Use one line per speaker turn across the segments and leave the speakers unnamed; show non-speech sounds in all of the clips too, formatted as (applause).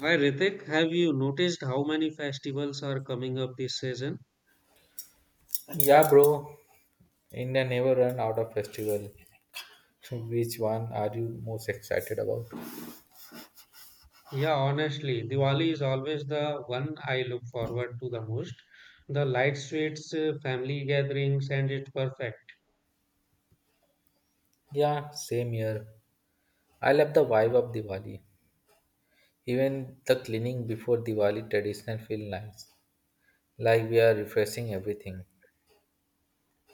Hi Ritik, have you noticed how many festivals are coming up this season?
Yeah, bro. India never run out of festival. (laughs) Which one are you most excited about?
Yeah, honestly, Diwali is always the one I look forward to the most. The light streets, family gatherings, and it's perfect.
Yeah, same here. I love the vibe of Diwali. Even the cleaning before Diwali traditional feel nice. Like we are refreshing everything.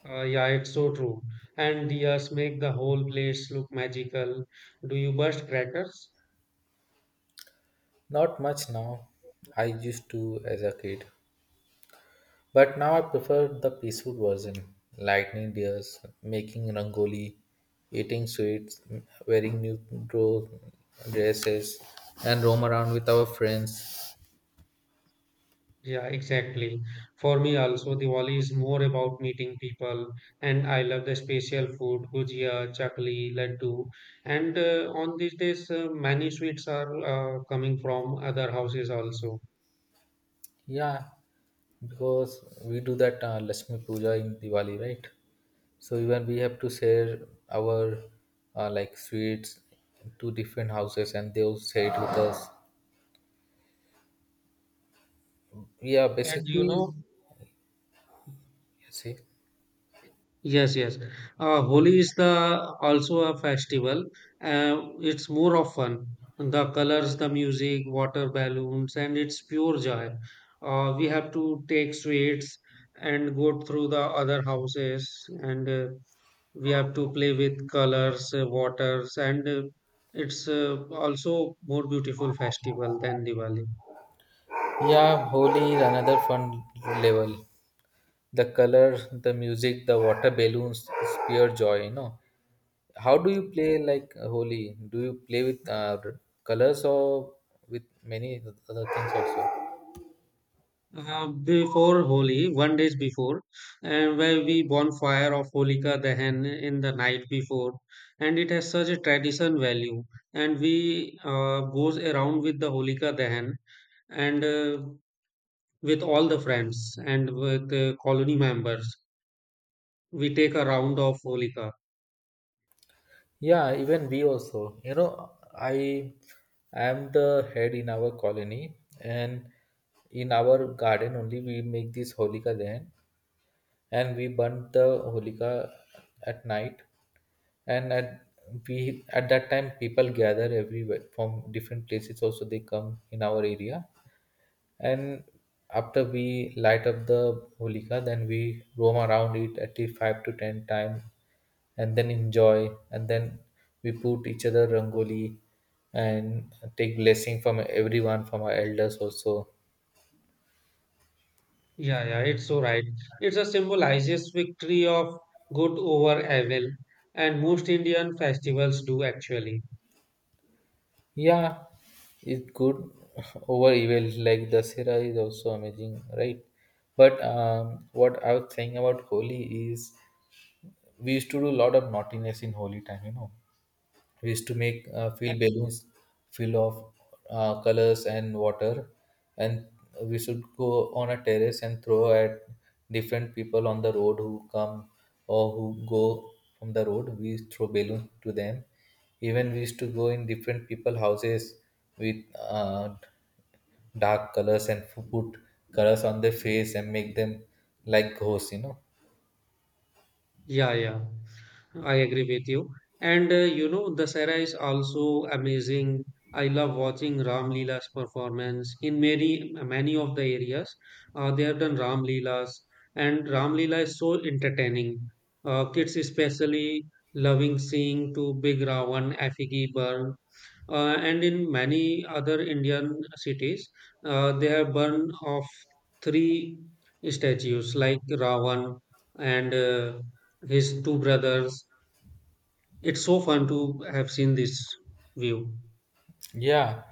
Yeah, it's so true. And diyas make the whole place look magical. Do you burst crackers?
Not much now. I used to as a kid. But now I prefer the peaceful version. Lightning deers, making rangoli, eating sweets, wearing new dro- dresses, and roam around with our friends.
Yeah, exactly. For me also, Diwali is more about meeting people, and I love the special food, gujia, chakli, laddu. And on these days, many sweets are coming from other houses also.
Yeah, because we do that Lakshmi Puja in Diwali, right? So even we have to share our like sweets to different houses, and they'll share it with us. Yeah,
And you
basically,
know,
see,
Yes, yes. Holi is the also a festival. It's more of fun. The colors, the music, water balloons, and it's pure joy. We have to take sweets and go through the other houses, and we have to play with colors, waters, and it's also more beautiful festival than Diwali.
yeah, Holi is another fun level. The color, the music, the water balloons is pure joy. You know, how do you play like Holi? Do you play with colors or with many other things also?
Before Holi, one days before, and where we bonfire of Holika Dahan in the night before, and it has such a tradition value. And we goes around with the Holika Dahan and with all the friends and with the colony members, we take a round of Holika.
Yeah, even we also. You know, I am the head in our colony, and in our garden only we make this holika then, and we burn the holika at night. And at We at that time people gather everywhere from different places. Also, they come in our area, and after we light up the holika, then we roam around it at least 5 to 10 times and then enjoy, and then we put each other rangoli and take blessing from everyone, from our elders also.
Yeah, yeah, it's so right. It's a symbolizes victory of good over evil, and most Indian festivals do actually.
Yeah, it's good (laughs) over evil. Like dasera is also amazing, right? But what I was saying about Holi is we used to do a lot of naughtiness in holy time, you know. We used to make fill balloons fill of colors and water, and we should go on a terrace and throw at different people on the road who come or who go from the road. We throw balloons to them. Even we used to go in different people houses with dark colors and put colors on their face and make them like ghosts, you know.
Yeah, yeah, I agree with you. And you know, Dasara is also amazing. I love watching Ram Leela's performance in many of the areas. They have done Ram Leelas, and Ram Leela is so entertaining. Kids especially loving seeing to Big Ravan, Afigi Burn and in many other Indian cities, they have burned off three statues like Ravan and his two brothers. It's so fun to have seen this view.
Yeah,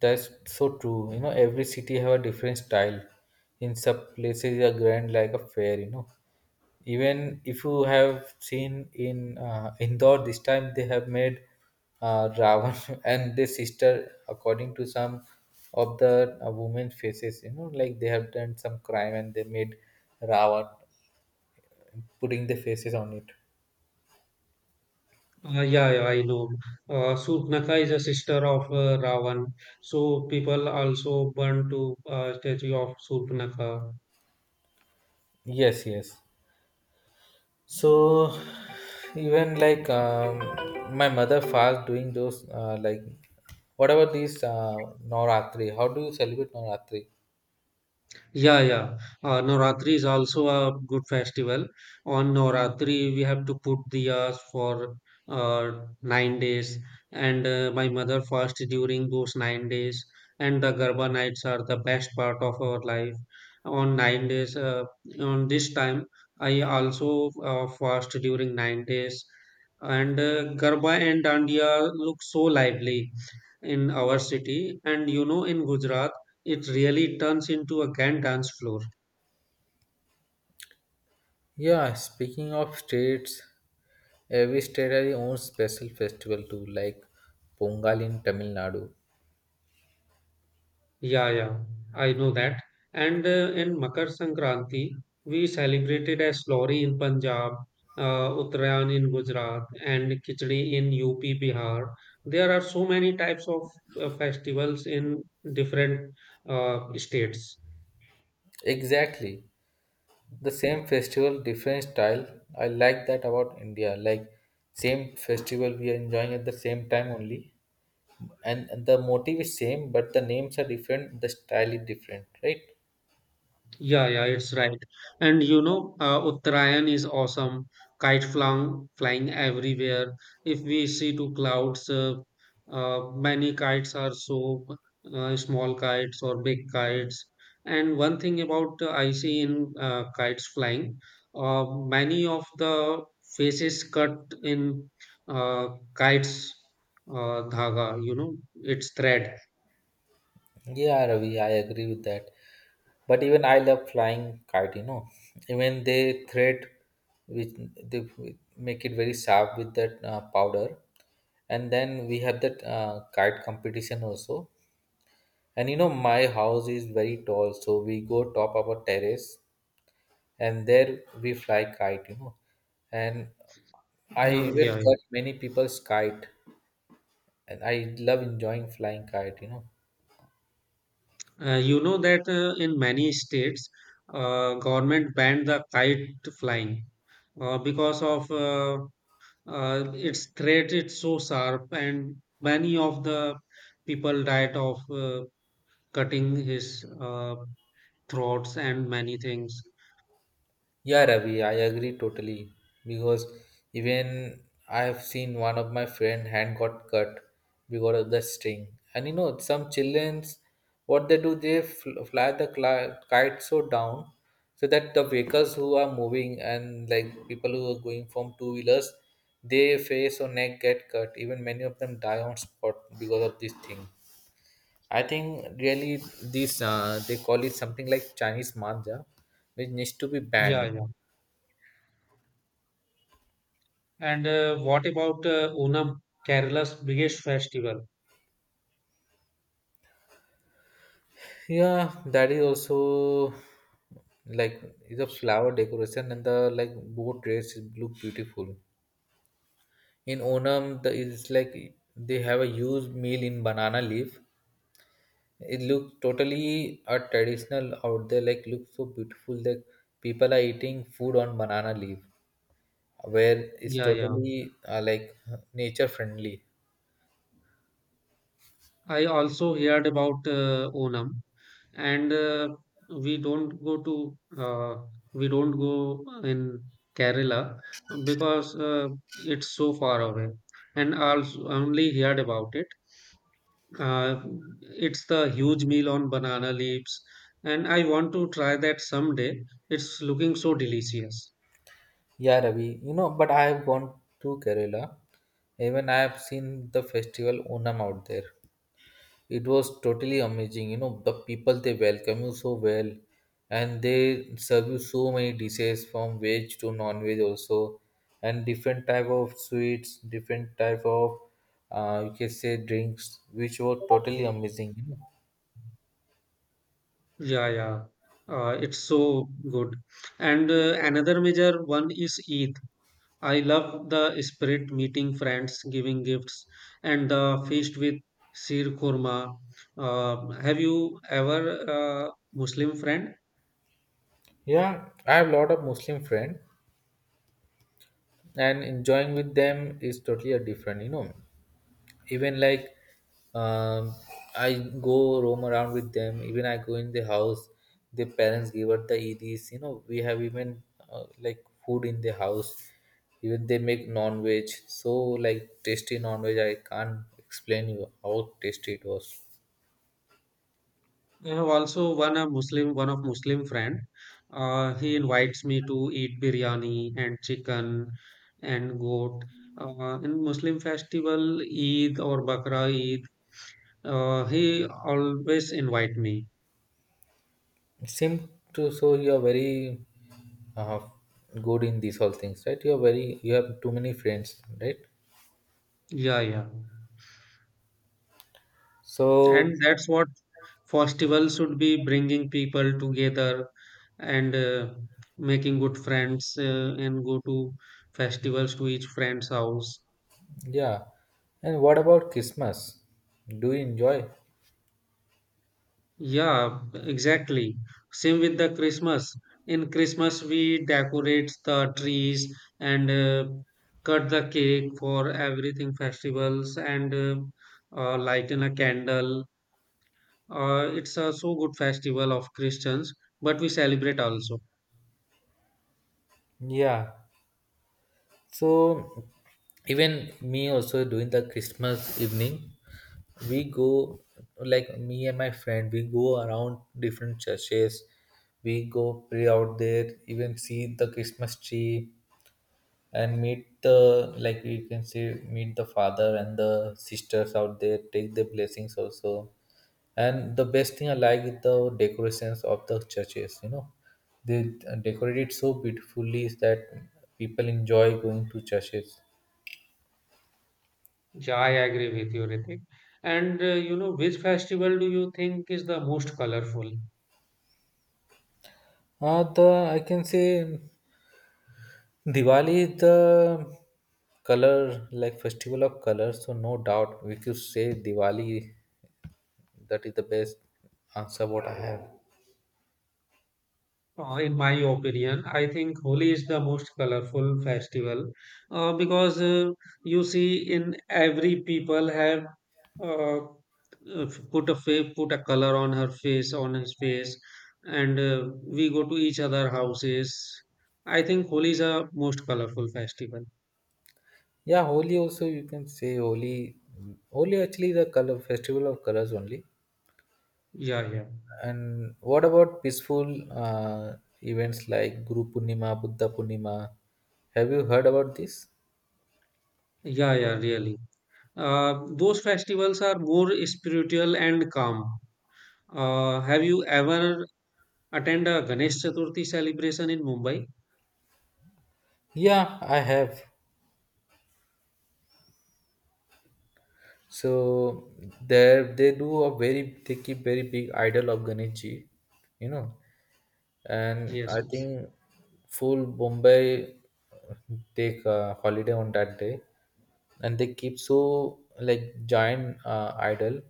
that's so true. You know, every city have a different style. In some places, they are grand like a fair. You know, even if you have seen in (laughs) Indore this time, they have made Ravan (laughs) and their sister according to some of the women faces. You know, like they have done some crime and they made Ravan putting the faces on it.
Yeah, yeah, I know. Surpanakha is a sister of Ravan, so people also burn to statue of Surpanakha.
Yes, yes. So even like my mother fast doing those like whatever these Navratri. How do you celebrate Navratri?
Yeah, yeah. Navratri is also a good festival. On Navratri, we have to put diyas for uh, 9 days, and my mother fasts during those 9 days. And the Garba nights are the best part of our life. On 9 days, on this time, I also fast during 9 days, and Garba and Dandiya look so lively in our city. And you know, in Gujarat it really turns into a grand dance floor.
Yeah, speaking of states, every state has its own special festival too, like Pongal in Tamil Nadu.
Yeah, yeah, I know that. And in Makar Sankranti, we celebrated as Lohri in Punjab, Uttarayan in Gujarat, and Khichdi in UP, Bihar. There are so many types of festivals in different states.
Exactly. The same festival, different style. I like that about India. Like same festival we are enjoying at the same time only. And the motive is same, but the names are different, the style is different, right?
Yeah, yeah, it's right. And you know, Uttarayan is awesome. Kite flying, flying everywhere. If we see two clouds, many kites are so small kites or big kites. And one thing about I see in kites flying, many of the faces cut in uh, kites dhaga. You know, it's thread.
Yeah, Ravi, I agree with that, but even I love flying kite, you know. Even they thread with they make it very sharp with that powder, and then we have that kite competition also. And you know, my house is very tall, so we go top of a terrace, and there we fly kite, you know. And I
Uh,
even
yeah,
cut many people's kite. And I love enjoying flying kite, you know.
You know that in many states, government banned the kite flying because of its threat. It's so sharp, and many of the people died of cutting his throats and many things.
Yeah, Ravi, I agree totally because even I have seen one of my friend hand got cut because of the string. And you know, some childrens, what they do, they fly the kite so down so that the vehicles who are moving and like people who are going from two wheelers, their face or neck get cut. Even many of them die on spot because of this thing. I think really this they call it something like Chinese manja, which needs to be
Yeah,
banned.
yeah. And what about Onam, Kerala's biggest festival?
Yeah, that is also like is a flower decoration and the like boat dress is look beautiful. In Onam, the it's like they have a huge meal in banana leaf. It looks totally a traditional out there. Like looks so beautiful. Like people are eating food on banana leaf, where it's
Yeah, yeah.
totally like nature friendly.
I also heard about Onam, and we don't go to uh, we don't go in Kerala because it's so far away. And also only heard about it. Uh, it's the huge meal on banana leaves, and I want to try that someday. It's looking so delicious.
Yeah, Ravi, you know, but I have gone to Kerala. Even I have seen the festival Onam out there. It was totally amazing. You know, the people they welcome you so well, and they serve you so many dishes from veg to non-veg also, and different type of sweets, different type of you can say drinks, which were totally amazing, you know.
Yeah, yeah. It's so good. And another major one is Eid. I love the spirit meeting friends, giving gifts, and the feast with Sir Kurma. Have you ever Muslim friend?
Yeah, I have a lot of Muslim friends, and enjoying with them is totally a different, you know. Even like um, I go roam around with them. Even I go in the house, the parents give out the eds, you know. We have even like food in the house. Even they make non-veg, so like tasty non-veg, I can't explain you how tasty it was.
I have also one a Muslim one of Muslim friend. He invites me to eat biryani and chicken and goat. In Muslim festival, Eid or Bakra Eid, he always invite me.
Seem to, so you are very uh, good in these all things, right? You are very, you have too many friends, right?
Yeah, yeah,
So
and that's what festival should be bringing people together and making good friends and go to festivals to each friend's house.
yeah, and what about Christmas, do you enjoy?
Yeah, exactly. Same with the Christmas. In Christmas we decorate the trees and cut the cake for everything festivals and light in a candle. It's a so good festival of Christians but we celebrate also.
Yeah. So even me also during the Christmas evening, we go like me and my friend, we go around different churches. We go pray out there, even see the Christmas tree, and meet the, like you can say, meet the father and the sisters out there, take the blessings also. And the best thing I like is the decorations of the churches, you know. They decorate it so beautifully that people enjoy going to churches.
Yeah, I agree with you, Ritik. And you know, which festival do you think is the most colorful?
The I can say Diwali is the color, like festival of colors, so no doubt we could say Diwali, that is the best answer what I have.
In my opinion, I think Holi is the most colorful festival because you see, in every people have uh, put a color on her face, on his face, and we go to each other houses. I think Holi is a most colorful festival.
Yeah, Holi also you can say Holi. Holi actually the color festival of colors only.
Yeah, yeah,
And what about peaceful events like Guru Purnima, Buddha Purnima? Have you heard about this?
yeah, yeah. Really. Those festivals are more spiritual and calm. Have you ever attend a Ganesh Chaturthi celebration in Mumbai?
Yeah, I have. So there they do a very they keep very big idol of Ganesh ji, you know. And
Yes,
I
yes.
think full Bombay take a holiday on that day, and they keep so like giant idol,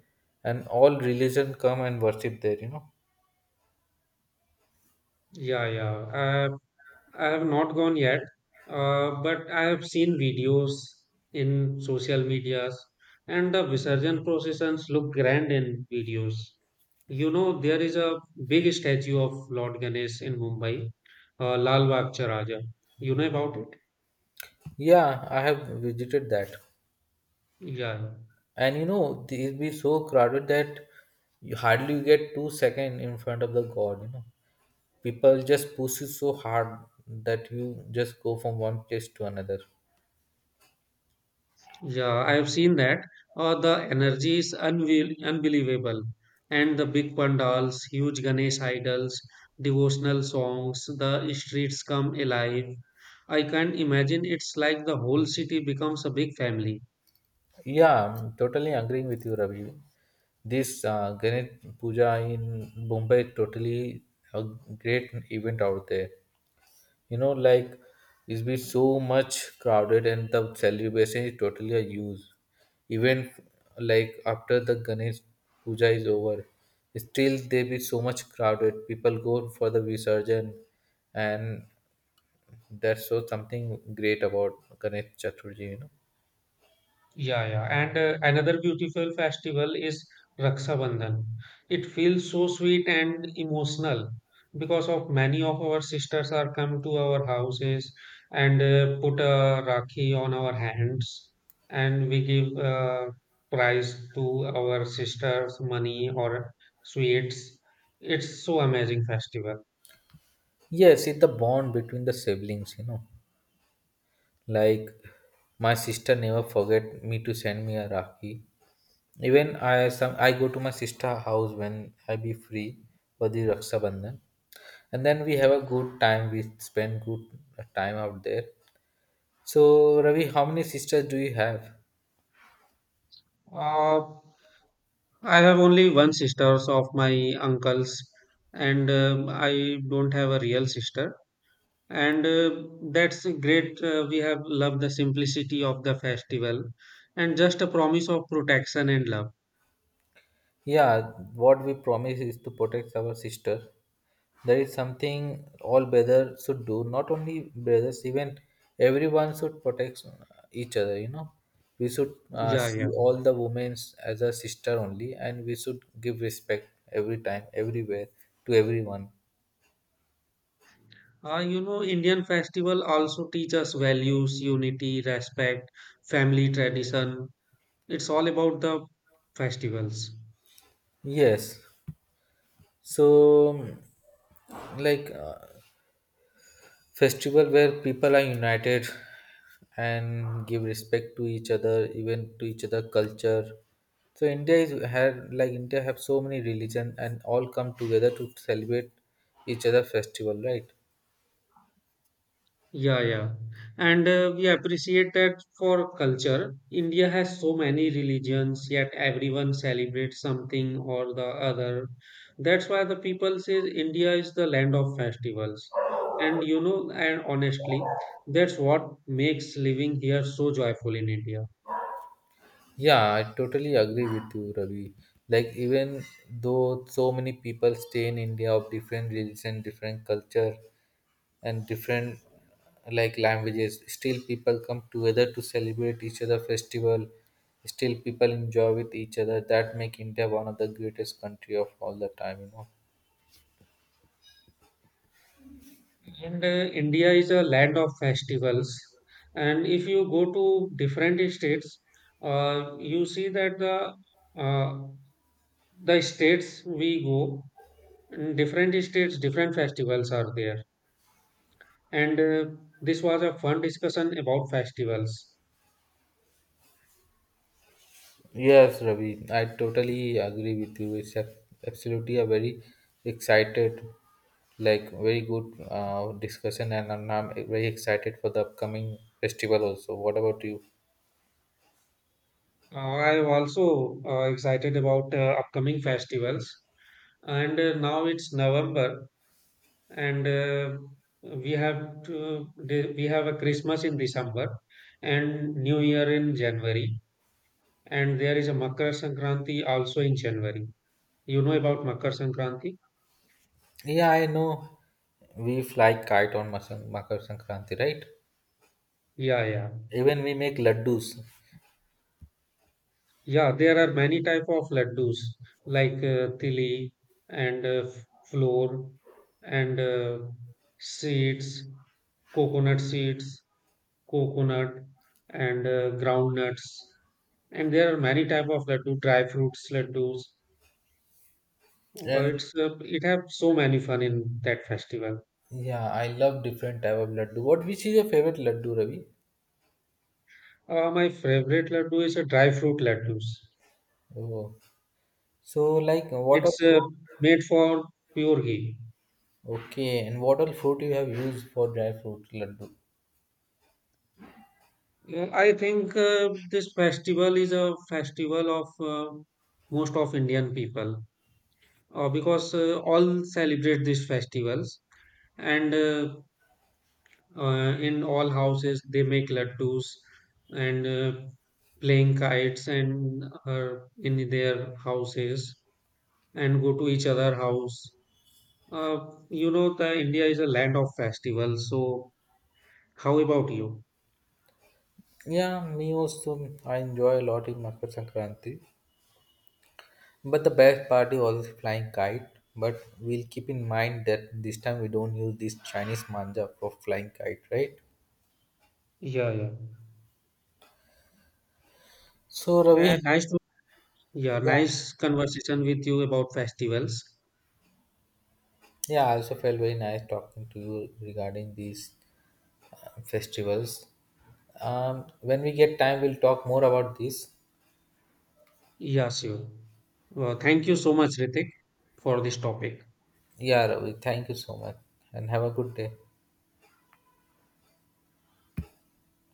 and all religion come and worship there, you know.
Yeah, yeah. Uh, I have not gone yet, but I have seen videos in social medias, and the Visarjan processions look grand in videos. You know, there is a big statue of Lord Ganesh in Mumbai, Lal Bagh Charaja. You know about it?
Yeah, I have visited that,
Yeah.
and you know it'll be so crowded that you hardly get 2 second in front of the god. You know, people just push you so hard that you just go from one place to another.
Yeah, I have seen that. The energy is unbelievable. And the big pandals, huge Ganesh idols, devotional songs, the streets come alive. I can't imagine it's like the whole city becomes a big family.
Yeah, I'm totally agreeing with you, Ravi. This Ganesh Puja in Mumbai totally a great event out there. You know, like it's been so much crowded and the celebration is totally a use. Even like after the Ganesh Puja is over, still there be so much crowded. People go for the Visarjan, and that's so something great about Ganesh Chaturthi, you know.
Yeah, yeah. And another beautiful festival is Raksha Bandhan. It feels so sweet and emotional because of many of our sisters are come to our houses and put a rakhi on our hands and we give prize to our sisters, money or sweets. It's so amazing festival.
Yes, it's the bond between the siblings, you know. Like my sister never forget me to send me a Rakhi. Even I some I go to my sister house when I be free for the Raksha Bandhan. And then we have a good time. We spend good time out there. So Ravi, how many sisters do you have?
Uh, I have only one sisters of my uncles and I don't have a real sister and that's great. We have loved the simplicity of the festival and just a promise of protection and love.
Yeah, what we promise is to protect our sister. That is something all brothers should do. Not only brothers, even everyone should protect each other. You know, we should
Yeah,
see
yeah.
all the women as a sister only, and we should give respect every time, everywhere, to everyone.
You know, Indian festival also teach us values, unity, respect, family tradition. It's all about the festivals.
Yes. So, like, festival where people are united and give respect to each other, even to each other culture. So India is had, like India have so many religion, and all come together to celebrate each other festival, right?
Yeah, yeah. And we appreciate that for culture. India has so many religions, yet everyone celebrates something or the other. That's why the people say India is the land of festivals. And you know, and honestly, that's what makes living here so joyful in India.
Yeah, I totally agree with you, Ravi. Like even though so many people stay in India of different religion, different culture, and different like languages, still people come together to celebrate each other festival, still people enjoy with each other, that make India one of the greatest country of all the time, you know.
And India is a land of festivals. And if you go to different states, you see that uh, the states we go in different states different festivals are there and this was a fun discussion about festivals.
Yes, Ravi, I totally agree with you, it's a, absolutely a very excited, like very good discussion, and I'm very excited for the upcoming festival also. What about you?
I am also excited about upcoming festivals and now it's November and we have to we have a Christmas in December and new year in January and there is a Makar Sankranti also in January. You know about Makar Sankranti?
Yeah, I know, we fly kite on makar sankranti, right?
Yeah, yeah.
Even we make laddus.
Yeah, there are many type of laddus like tili and flour and seeds, seeds, coconut and groundnuts. And there are many type of laddu, dry fruits laddus.
And
It's it have so many fun in that festival.
yeah, I love different type of laddu. What, which is your favorite laddu, Ravi?
My favorite laddu is a dry fruit laddus.
Oh. So like what all
It's
fruit?
made for pure ghee.
Okay, and what all fruit you have used for dry fruit laddu?
I think this festival is a festival of most of Indian people because all celebrate these festivals and in all houses they make laddus and playing kites and in their houses and go to each other house. You know, the India is a land of festivals. So how about you?
Yeah, me also. I enjoy a lot in Makar Sankranti. But the best part is always flying kite. But we'll keep in mind that this time we don't use this Chinese manja for flying kite, right?
Yeah, yeah.
So Ravi,
Nice to Yeah,
yeah,
nice conversation with you about festivals.
yeah, I also felt very nice talking to you regarding this festivals. When we get time, we'll talk more about this.
Yeah, sure. Well, thank you so much, Ritik, for this topic.
Yeah, Ravi, thank you so much and have a good day.